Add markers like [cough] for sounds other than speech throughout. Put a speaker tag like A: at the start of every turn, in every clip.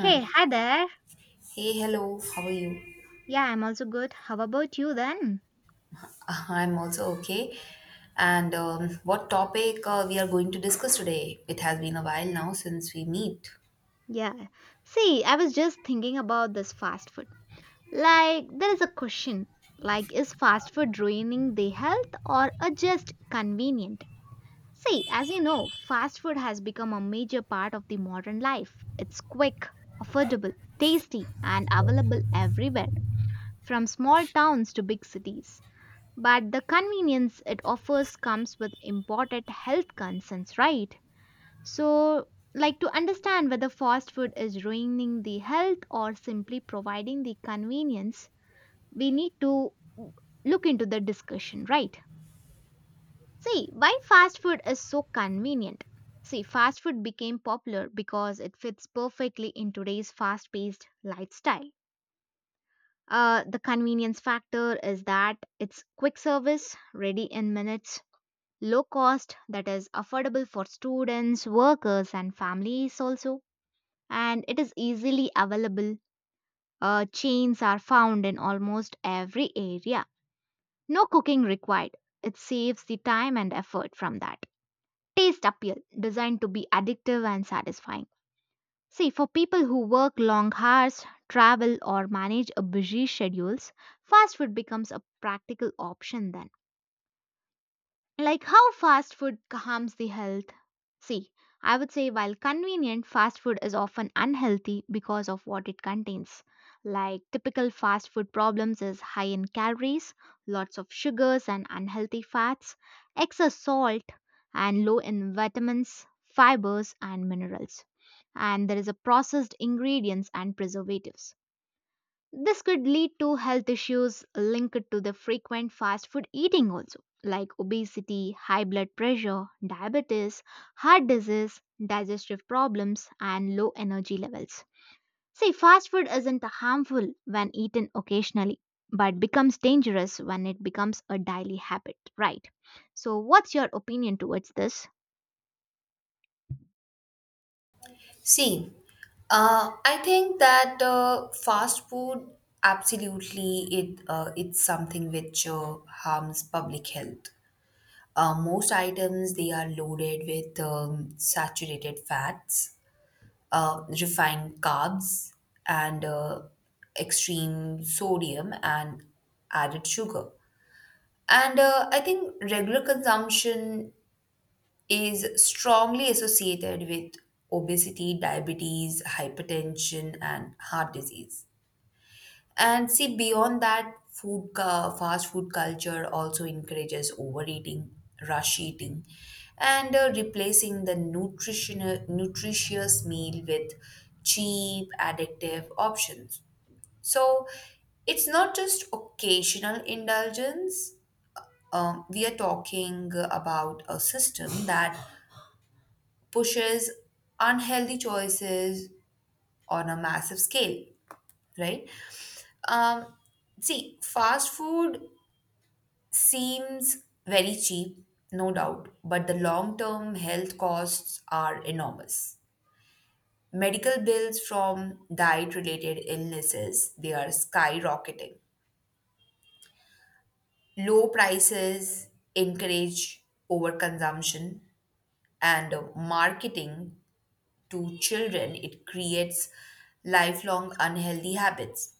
A: Hey, hi there.
B: Hey, hello, how are you?
A: Yeah, I'm also good. How about you then?
B: [laughs] I'm also okay. And What topic we are going to discuss today? It has been a while now since we meet.
A: Yeah. See, I was just thinking about this fast food. Like, there is a question. Like, is fast food ruining the health or just convenient? See, as you know, fast food has become a major part of the modern life. It's quick, affordable, tasty, and available everywhere, from small towns to big cities. But the convenience it offers comes with important health concerns, right? So, like to understand whether fast food is ruining the health or simply providing the convenience, we need to look into the discussion, right? See, why fast food is so convenient? See, fast food became popular because it fits perfectly in today's fast paced lifestyle. The convenience factor is that it's quick service, ready in minutes, low cost, that is affordable for students, workers, and families also and it is easily available. Chains are found in almost every area. No cooking required. It saves the time and effort from that. Taste appeal designed to be addictive and satisfying. See, for people who work long hours, travel, or manage a busy schedules, fast food becomes a practical option then. Like how fast food harms the health? See, I would say while convenient, fast food is often unhealthy because of what it contains. Like typical fast food problems is high in calories, lots of sugars and unhealthy fats, excess salt, and low in vitamins, fibers, and minerals. And there is a processed ingredients and preservatives this could lead to health issues linked to the frequent fast food eating also like obesity, high blood pressure, diabetes, heart disease, digestive problems and low energy levels. See, fast food isn't harmful when eaten occasionally but becomes dangerous when it becomes a daily habit, right? So what's your opinion towards this?
B: See, I think that fast food absolutely, it's something which harms public health. Most items they are loaded with saturated fats, refined carbs, and extreme sodium and added sugar. And I think regular consumption is strongly associated with obesity, diabetes, hypertension, and heart disease. And see, beyond that, fast food culture also encourages overeating, rush eating, and replacing the nutritional nutritious meal with cheap, addictive options. So it's not just occasional indulgence. We are talking about a system that pushes unhealthy choices on a massive scale, right? Um, See, fast food seems very cheap, no doubt, but the long term health costs are enormous. Medical bills from diet related illnesses, they are skyrocketing. Low prices encourage overconsumption, and marketing to children, it creates lifelong unhealthy habits.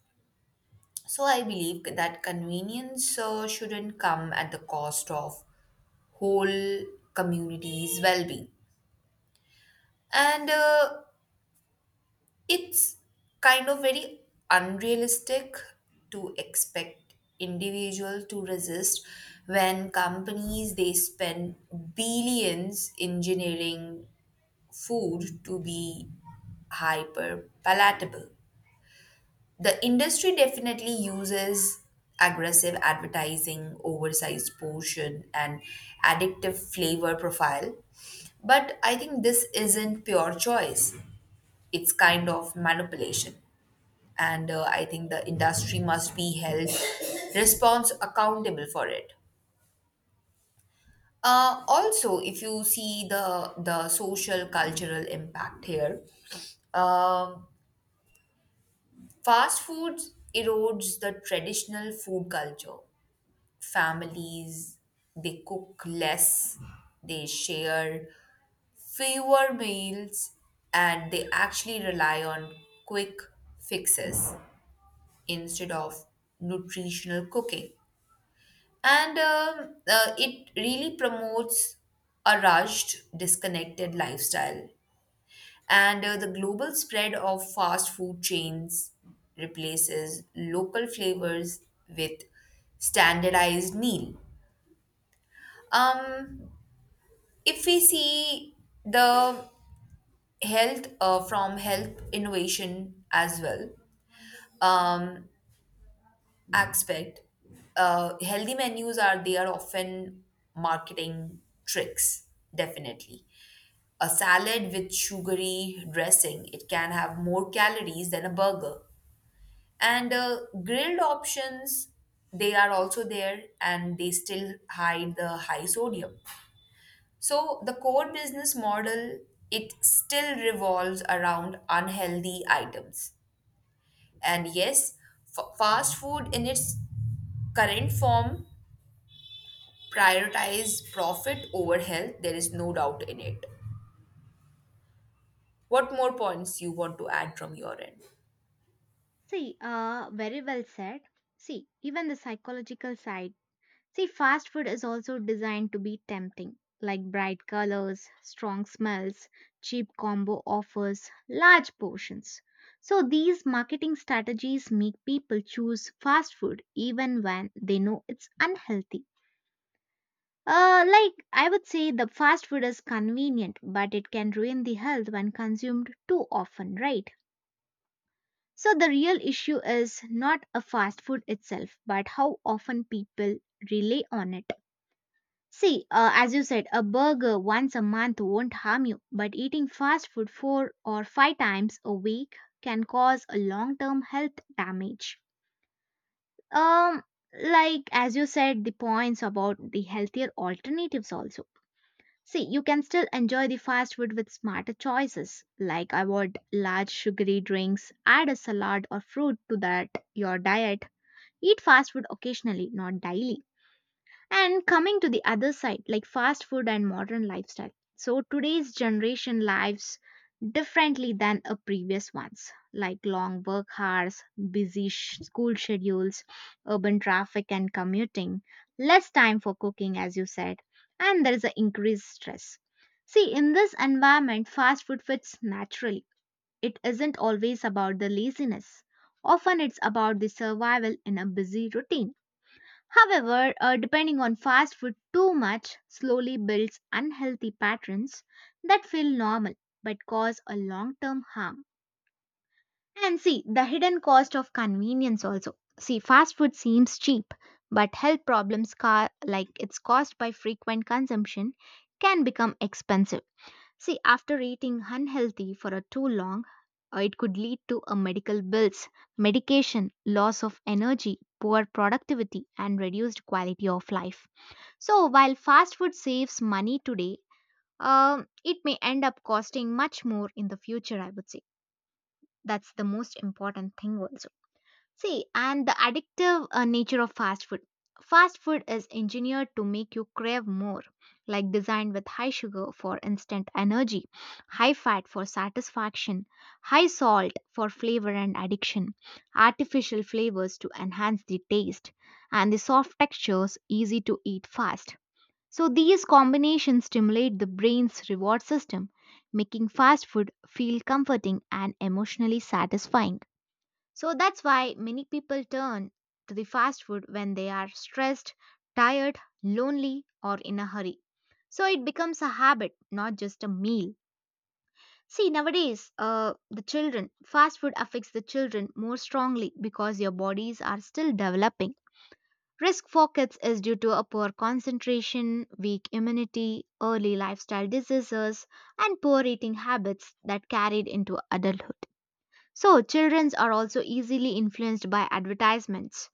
B: So I believe that convenience shouldn't come at the cost of whole communities' well-being. And it's kind of very unrealistic to expect individual to resist when companies they spend billions engineering food to be hyper palatable. The industry definitely uses aggressive advertising, oversized portion, and addictive flavor profile, but I think this isn't pure choice, it's kind of manipulation. And I think the industry must be held response accountable for it. Also, if you see the social cultural impact here, um, fast food erodes the traditional food culture. Families they cook less, they share fewer meals, and they actually rely on quick fixes, instead of nutritional cooking. And it really promotes a rushed, disconnected lifestyle. And the global spread of fast food chains replaces local flavors with standardized meal. Um, if we see the health from health innovation as well, um, aspect, healthy menus are they are often marketing tricks, definitely. A salad with sugary dressing, it can have more calories than a burger. And grilled options, they are also there and they still hide the high sodium. So the core business model, it still revolves around unhealthy items. And yes, fast food in its current form prioritize profit over health, there is no doubt in it. What more points you want to add from your end?
A: See, very well said. See, even the psychological side. See, fast food is also designed to be tempting, like bright colors, strong smells, cheap combo offers, large portions. So, these marketing strategies make people choose fast food even when they know it's unhealthy. Like, I would say the fast food is convenient, but it can ruin the health when consumed too often, right? So, the real issue is not a fast food itself, but how often people rely on it. See, as you said, a burger once a month won't harm you, but eating fast food 4 or 5 times a week can cause a long-term health damage. Um, like as you said, the points about the healthier alternatives also. See, you can still enjoy the fast food with smarter choices, like avoid large sugary drinks, add a salad or fruit to that your diet. Eat fast food occasionally, not daily and coming to the other side, like fast food and modern lifestyle. So today's generation lives differently than a previous ones, like long work hours, busy school schedules, urban traffic and commuting, less time for cooking, as you said, and there is an increased stress. See, in this environment, fast food fits naturally. It isn't always about the laziness. Often it's about the survival in a busy routine. However, depending on fast food too much slowly builds unhealthy patterns that feel normal but cause a long term harm. And see, the hidden cost of convenience also. See, fast food seems cheap, but health problems, like it's caused by frequent consumption, can become expensive. See, after eating unhealthy for a too long, it could lead to a medical bills, medication, loss of energy, poor productivity, and reduced quality of life. So, while fast food saves money today, it may end up costing much more in the future. I would say that's the most important thing also. See, and the addictive nature of fast food. Fast food is engineered to make you crave more, like designed with high sugar for instant energy, high fat for satisfaction, high salt for flavor and addiction, artificial flavors to enhance the taste, and the soft textures easy to eat fast. So, these combinations stimulate the brain's reward system, making fast food feel comforting and emotionally satisfying. So that's why many people turn to the fast food when they are stressed, tired, lonely, or in a hurry. So it becomes a habit, not just a meal. See, nowadays, the children, fast food affects the children more strongly because your bodies are still developing. Risk for kids is due to a poor concentration, weak immunity, early lifestyle diseases, and poor eating habits that carried into adulthood. So, children are also easily influenced by advertisements,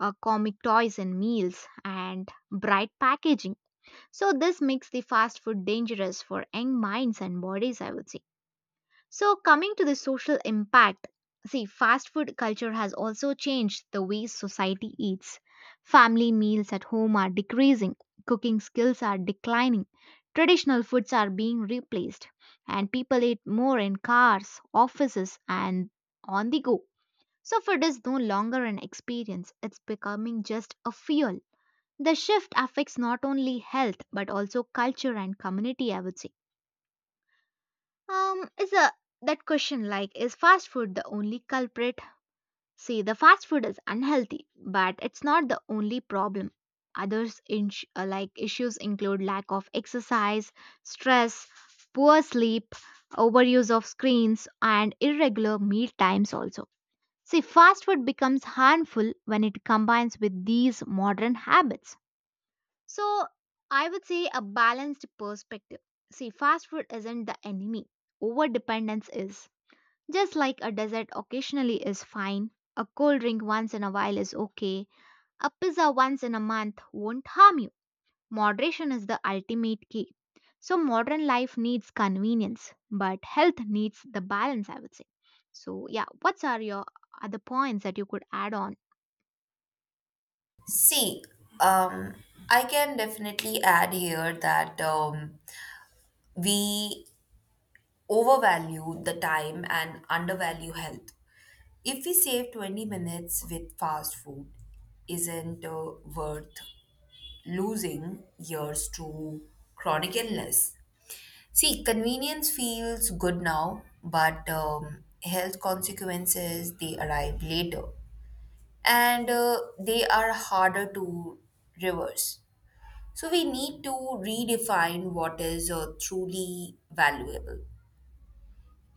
A: comic toys and meals, and bright packaging. So, this makes the fast food dangerous for young minds and bodies, I would say. So, coming to the social impact, see, fast food culture has also changed the way society eats. Family meals at home are decreasing, cooking skills are declining, traditional foods are being replaced, and people eat more in cars, offices, and on the go. So food is no longer an experience, it's becoming just a fuel. The shift affects not only health but also culture and community, I would say. Is a That question, like, is fast food the only culprit? See, the fast food is unhealthy, but it's not the only problem. Others in, like issues include lack of exercise, stress, poor sleep, overuse of screens, and irregular meal times also. See, fast food becomes harmful when it combines with these modern habits. So, I would say a balanced perspective. See, fast food isn't the enemy, overdependence is. Just like a dessert occasionally is fine, a cold drink once in a while is okay, a pizza once in a month won't harm you. Moderation is the ultimate key. So, modern life needs convenience, but health needs the balance, I would say. So, yeah, what are your other points that you could add on?
B: See, um, I can definitely add here that we overvalue the time and undervalue health. If we save 20 minutes with fast food, isn't worth losing years to chronic illness. See, convenience feels good now, but health consequences they arrive later, and they are harder to reverse. So we need to redefine what is truly valuable,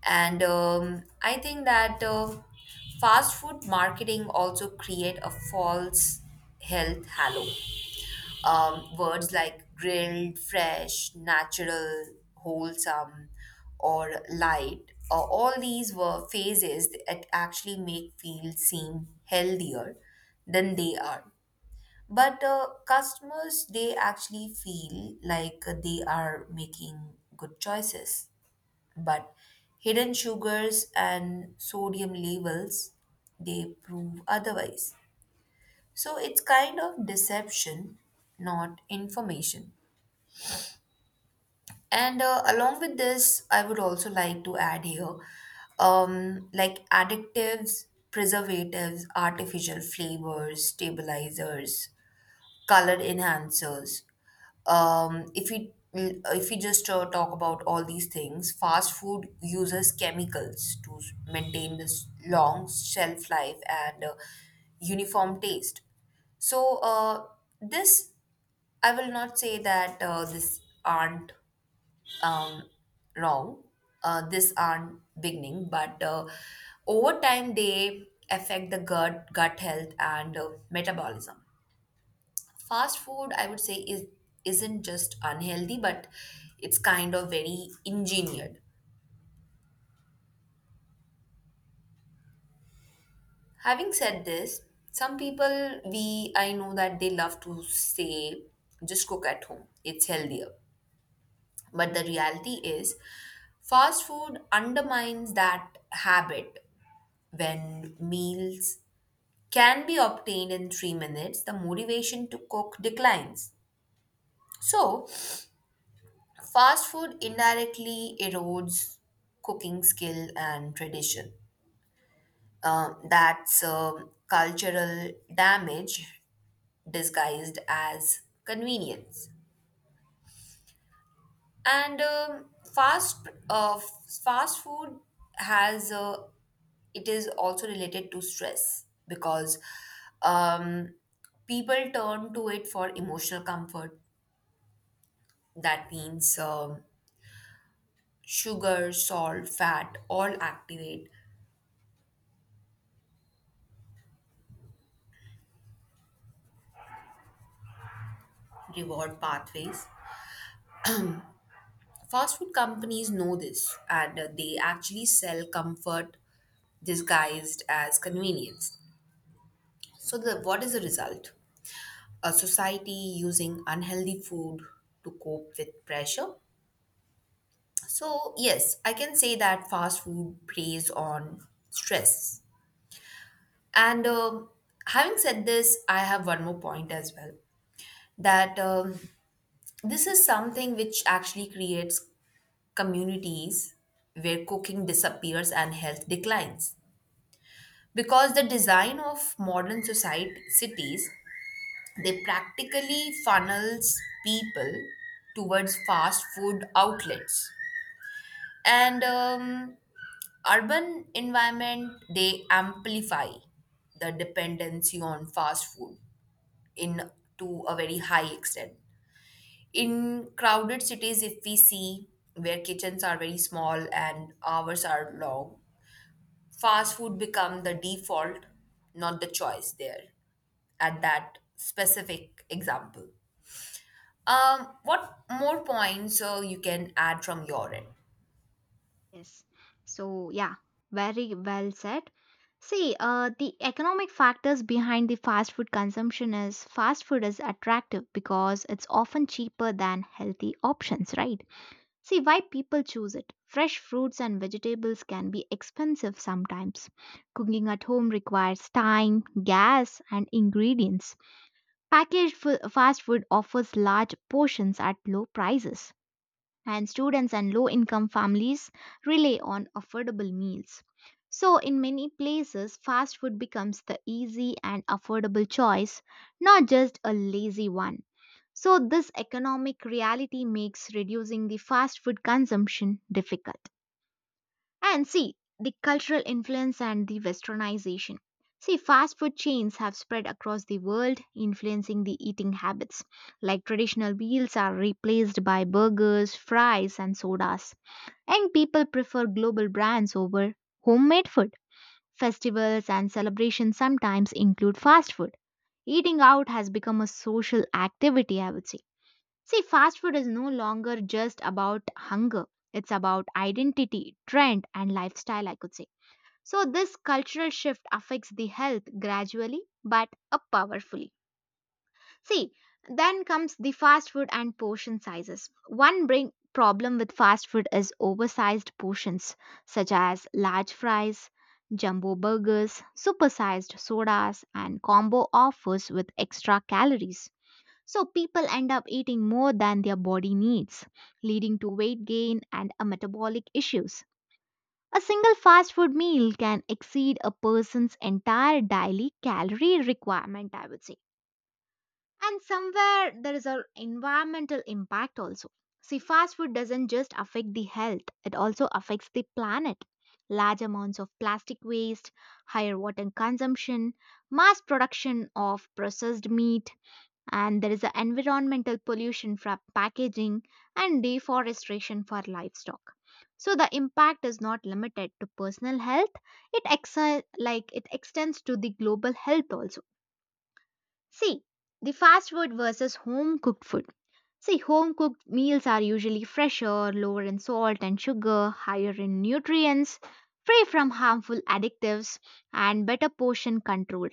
B: and I think that fast food marketing also create a false health halo. Words like grilled, fresh, natural, wholesome, or light, all these were phases that actually make fields seem healthier than they are. But customers, they actually feel like they are making good choices. But hidden sugars and sodium levels, they prove otherwise. So it's kind of deception, not information. And along with this, I would also like to add here, like additives, preservatives, artificial flavors, stabilizers, color enhancers. If we just talk about all these things, fast food uses chemicals to maintain this long shelf life and uniform taste. So this, I will not say that this aren't um, wrong. This aren't beginning, but over time they affect the gut health and metabolism. Fast food, I would say, is isn't just unhealthy, but it's kind of very engineered. Having said this, some people we I know that they love to say just cook at home. It's healthier. But the reality is, fast food undermines that habit when meals can be obtained in 3 minutes, the motivation to cook declines. So, fast food indirectly erodes cooking skill and tradition. That's cultural damage disguised as convenience. And fast uh, fast food has it is also related to stress because um, people turn to it for emotional comfort. That means sugar, salt, fat all activate reward pathways. Fast food companies know this and they actually sell comfort disguised as convenience. So, what is the result? A society using unhealthy food to cope with pressure. So, yes, I can say that fast food preys on stress. And having said this, I have one more point as well that this is something which actually creates communities where cooking disappears and health declines. Because the design of modern society cities, they practically funnels people towards fast food outlets. And urban environment, they amplify the dependency on fast food in to a very high extent. In crowded cities, if we see where kitchens are very small and hours are long, fast food become the default, not the choice there at that specific example. What more points you can add from your end?
A: Yes. So, yeah, very well said. See, the economic factors behind the fast food consumption is fast food is attractive because it's often cheaper than healthy options, right? See why people choose it. Fresh fruits and vegetables can be expensive sometimes. Cooking at home requires time, gas, and ingredients. Packaged fast food offers large portions at low prices and students and low income families rely on affordable meals. So, in many places, fast food becomes the easy and affordable choice, not just a lazy one. So, this economic reality makes reducing the fast food consumption difficult. And see the cultural influence and the westernization. See, fast food chains have spread across the world, influencing the eating habits. Like traditional meals are replaced by burgers, fries, and sodas. And people prefer global brands over homemade food. Festivals and celebrations sometimes include fast food. Eating out has become a social activity, I would say. See, fast food is no longer just about hunger, it's about identity, trend, and lifestyle, I could say. So, this cultural shift affects the health gradually but up powerfully. See, then comes the fast food and portion sizes. One big problem with fast food is oversized portions, such as large fries, jumbo burgers, supersized sodas, and combo offers with extra calories. So, people end up eating more than their body needs, leading to weight gain and metabolic issues. A single fast food meal can exceed a person's entire daily calorie requirement, I would say. And somewhere there is an environmental impact also. See, fast food doesn't just affect the health, it also affects the planet. Large amounts of plastic waste, higher water consumption, mass production of processed meat, and there is a environmental pollution from packaging and deforestation for livestock so the impact is not limited to personal health. It like it extends to the global health also. See, the fast food versus home cooked food. See, home cooked meals are usually fresher, lower in salt and sugar, higher in nutrients, free from harmful additives, and better portion controlled.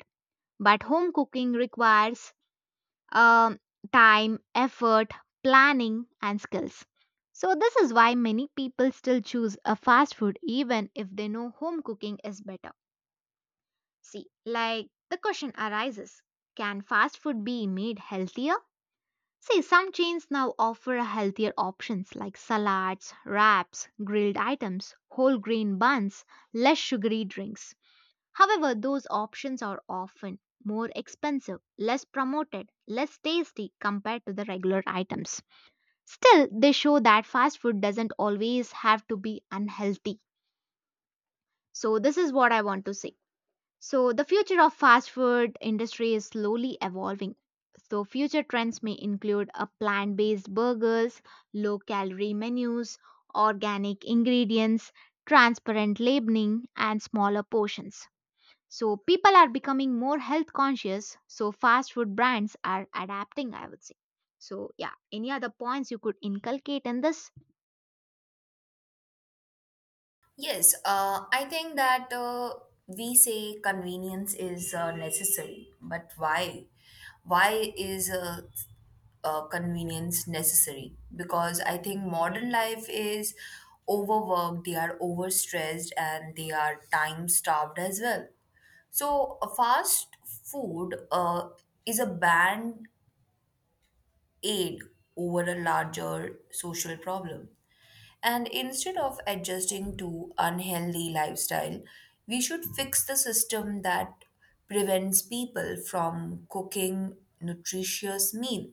A: But home cooking requires um, time, effort, planning, and skills. So, this is why many people still choose a fast food even if they know home cooking is better. See, like the question arises, can fast food be made healthier? See, some chains now offer healthier options like salads, wraps, grilled items, whole grain buns, less sugary drinks. However, those options are often more expensive, less promoted, less tasty compared to the regular items. Still, they show that fast food doesn't always have to be unhealthy. So this is what I want to say. So the future of fast food industry is slowly evolving. So future trends may include a plant-based burgers, low-calorie menus, organic ingredients, transparent labeling and smaller portions. So people are becoming more health conscious, so fast food brands are adapting, I would say. So yeah, any other points you could inculcate in this?
B: Yes, I think that we say convenience is necessary, but why? Why is convenience necessary? Because I think modern life is overworked, they are overstressed, and they are time starved as well. So, fast food is a ban aid over a larger social problem. And instead of adjusting to unhealthy lifestyle, we should fix the system that prevents people from cooking nutritious meal.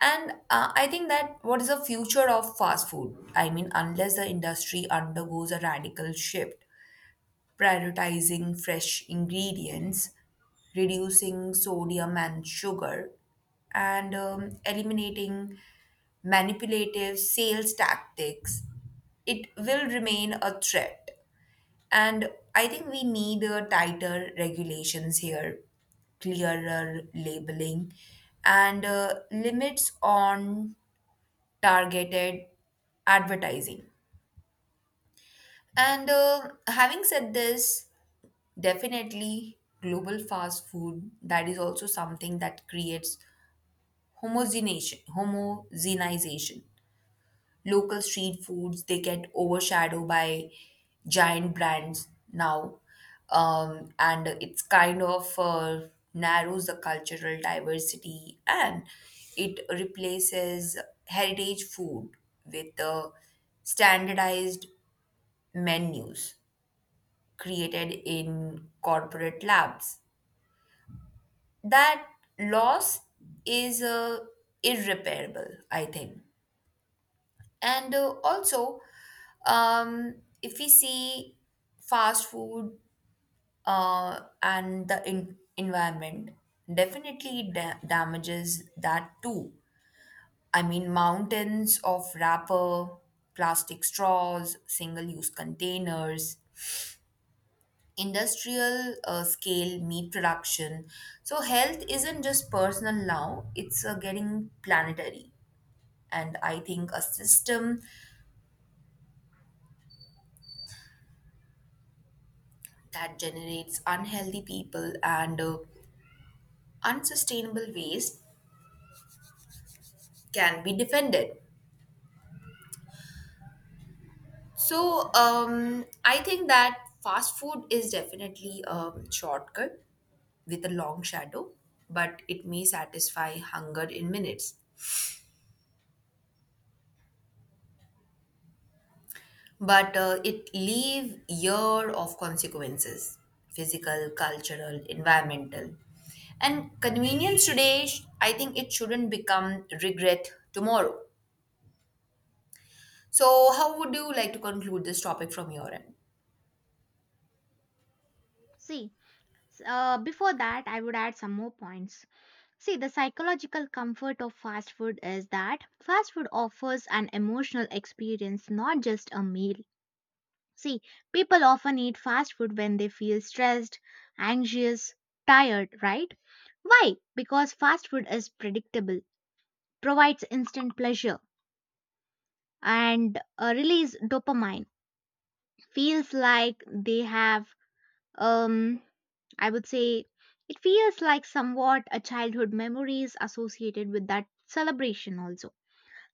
B: And I think that what is the future of fast food? I mean, unless the industry undergoes a radical shift, prioritizing fresh ingredients, reducing sodium and sugar, and eliminating manipulative sales tactics, it will remain a threat. And I think we need tighter regulations here, clearer labeling, and limits on targeted advertising. And having said this, definitely global fast food, that is also something that creates homogenization. Local street foods, they get overshadowed by giant brands now. And it's kind of narrows the cultural diversity, and it replaces heritage food with standardized menus created in corporate labs. That loss is irreparable, I think. And also, um, if we see fast food and the environment, definitely it damages that too. I mean, mountains of wrapper, plastic straws, single use containers, industrial scale meat production. So health isn't just personal now, it's getting planetary. And I think a system that generates unhealthy people and unsustainable waste can be defended. So I think that fast food is definitely a shortcut with a long shadow, but it may satisfy hunger in minutes. But it leave year of consequences, physical, cultural, environmental. And convenience today, I think it shouldn't become regret tomorrow. So how would you like to conclude this topic from your end?
A: See, before that, I would add some more points. See, the psychological comfort of fast food is that fast food offers an emotional experience, not just a meal. See, people often eat fast food when they feel stressed, anxious, tired, right? Why? Because fast food is predictable, provides instant pleasure and release dopamine, feels like they have, um I would say, it feels like somewhat a childhood memories associated with that celebration also.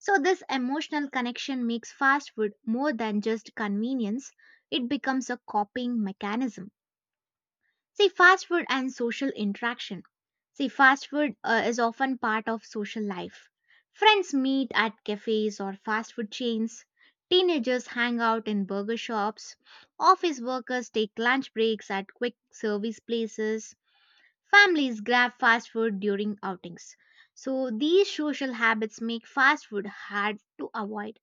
A: So this emotional connection makes fast food more than just convenience, it becomes a coping mechanism. See, fast food and social interaction. See, fast food is often part of social life. Friends meet at cafes or fast food chains. Teenagers hang out in burger shops. Office workers take lunch breaks at quick service places. Families grab fast food during outings. So, these social habits make fast food hard to avoid.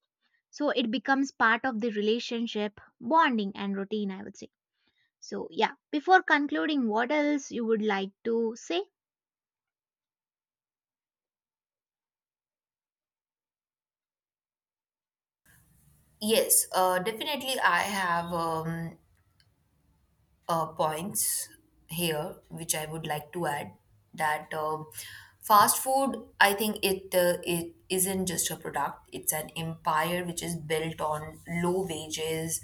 A: So, it becomes part of the relationship, bonding, and routine, I would say. So, yeah, before concluding, what else you would like to say?
B: Yes, definitely I have points here which I would like to add, that fast food, I think it isn't just a product, it's an empire which is built on low wages,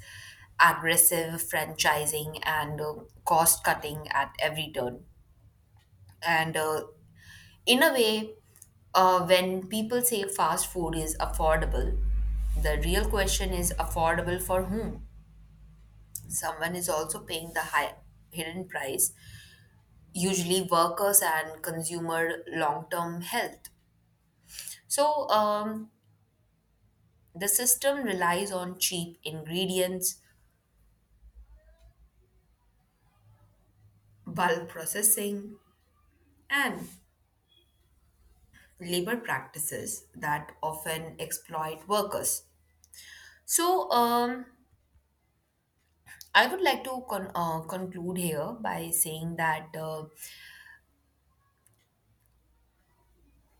B: aggressive franchising, and cost cutting at every turn. And in a way, when people say fast food is affordable, the real question is affordable for whom? Someone is also paying the high hidden price, usually workers and consumer long term health. So, the system relies on cheap ingredients, bulk processing, and labor practices that often exploit workers. So, I would like to conclude here by saying that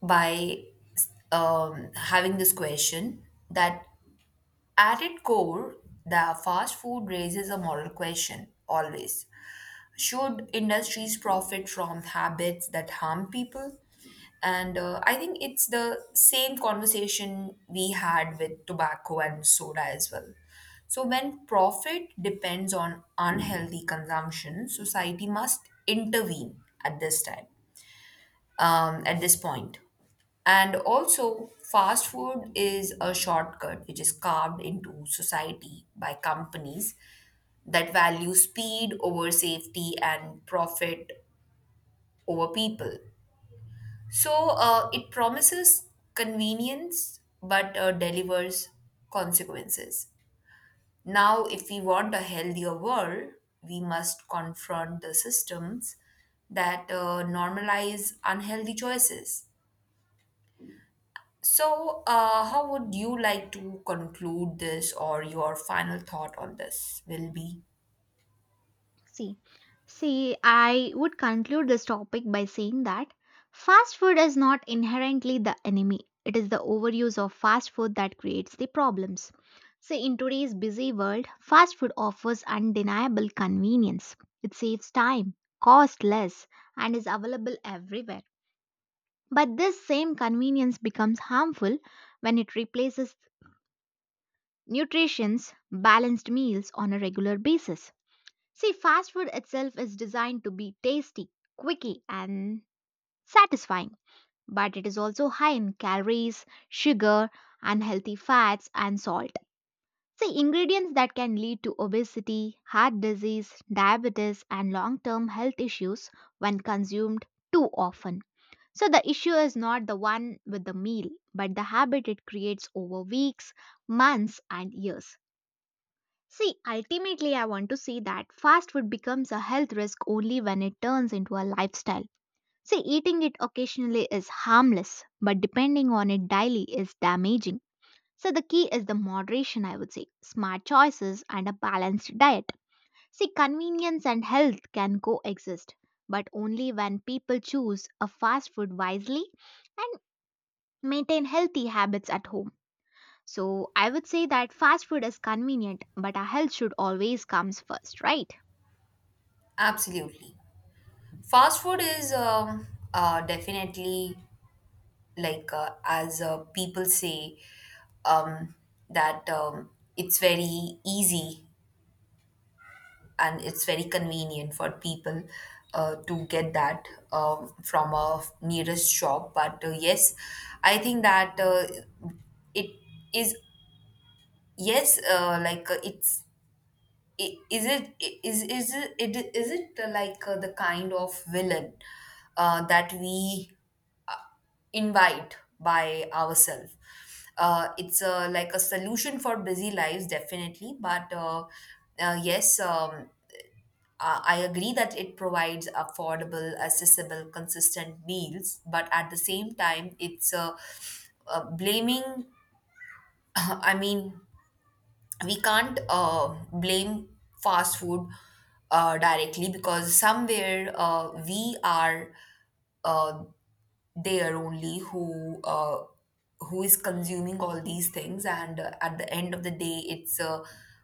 B: by having this question that at its core, the fast food raises a moral question always. Should industries profit from habits that harm people? And I think it's the same conversation we had with tobacco and soda as well. So, when profit depends on unhealthy consumption, society must intervene at this time, at this point. And also, fast food is a shortcut which is carved into society by companies that value speed over safety, and profit over people. So it promises convenience but delivers consequences. Now, if we want a healthier world, we must confront the systems that normalize unhealthy choices. So, how would you like to conclude this, or your final thought on this will be?
A: See, see, I would conclude this topic by saying that fast food is not inherently the enemy. It is the overuse of fast food that creates the problems. See, in today's busy world, fast food offers undeniable convenience. It saves time, costs less, and is available everywhere. But this same convenience becomes harmful when it replaces nutrition's balanced meals on a regular basis. See, fast food itself is designed to be tasty, quicky, and satisfying, but it is also high in calories, sugar, unhealthy fats, and salt. See, ingredients that can lead to obesity, heart disease, diabetes, and long term health issues when consumed too often. So, the issue is not the one with the meal, but the habit it creates over weeks, months, and years. See, ultimately, I want to see that fast food becomes a health risk only when it turns into a lifestyle. See, eating it occasionally is harmless, but depending on it daily is damaging. So, the key is the moderation, I would say, smart choices, and a balanced diet. See, convenience and health can coexist, but only when people choose a fast food wisely and maintain healthy habits at home. So I would say that fast food is convenient, but our health should always comes first, right?
B: Absolutely. Fast food is definitely, like as people say, um, that it's very easy and it's very convenient for people to get that from a nearest shop. But yes, I think that it is, yes, like it's I- is it it- is it like the kind of villain that we invite by ourselves. It's like a solution for busy lives, definitely. But yes, I agree that it provides affordable, accessible, consistent meals. But at the same time, it's blaming, [laughs] [clears throat] I mean, we can't blame fast food directly because somewhere we are. Uh, there only who is consuming all these things. And at the end of the day it's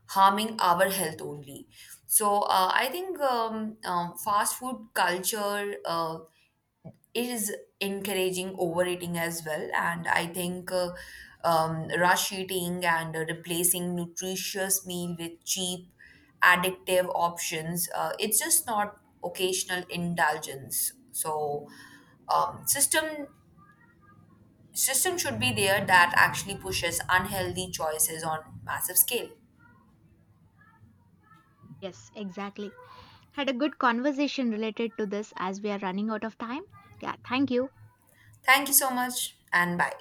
B: harming our health only. So I think fast food culture is encouraging overeating as well. And I think rush eating and replacing nutritious meal with cheap addictive options, it's just not occasional indulgence. So um, system system should be there that actually pushes unhealthy choices on massive scale.
A: Yes, exactly. Had a good conversation related to this as we are running out of time. Yeah, thank you.
B: Thank you so much and bye.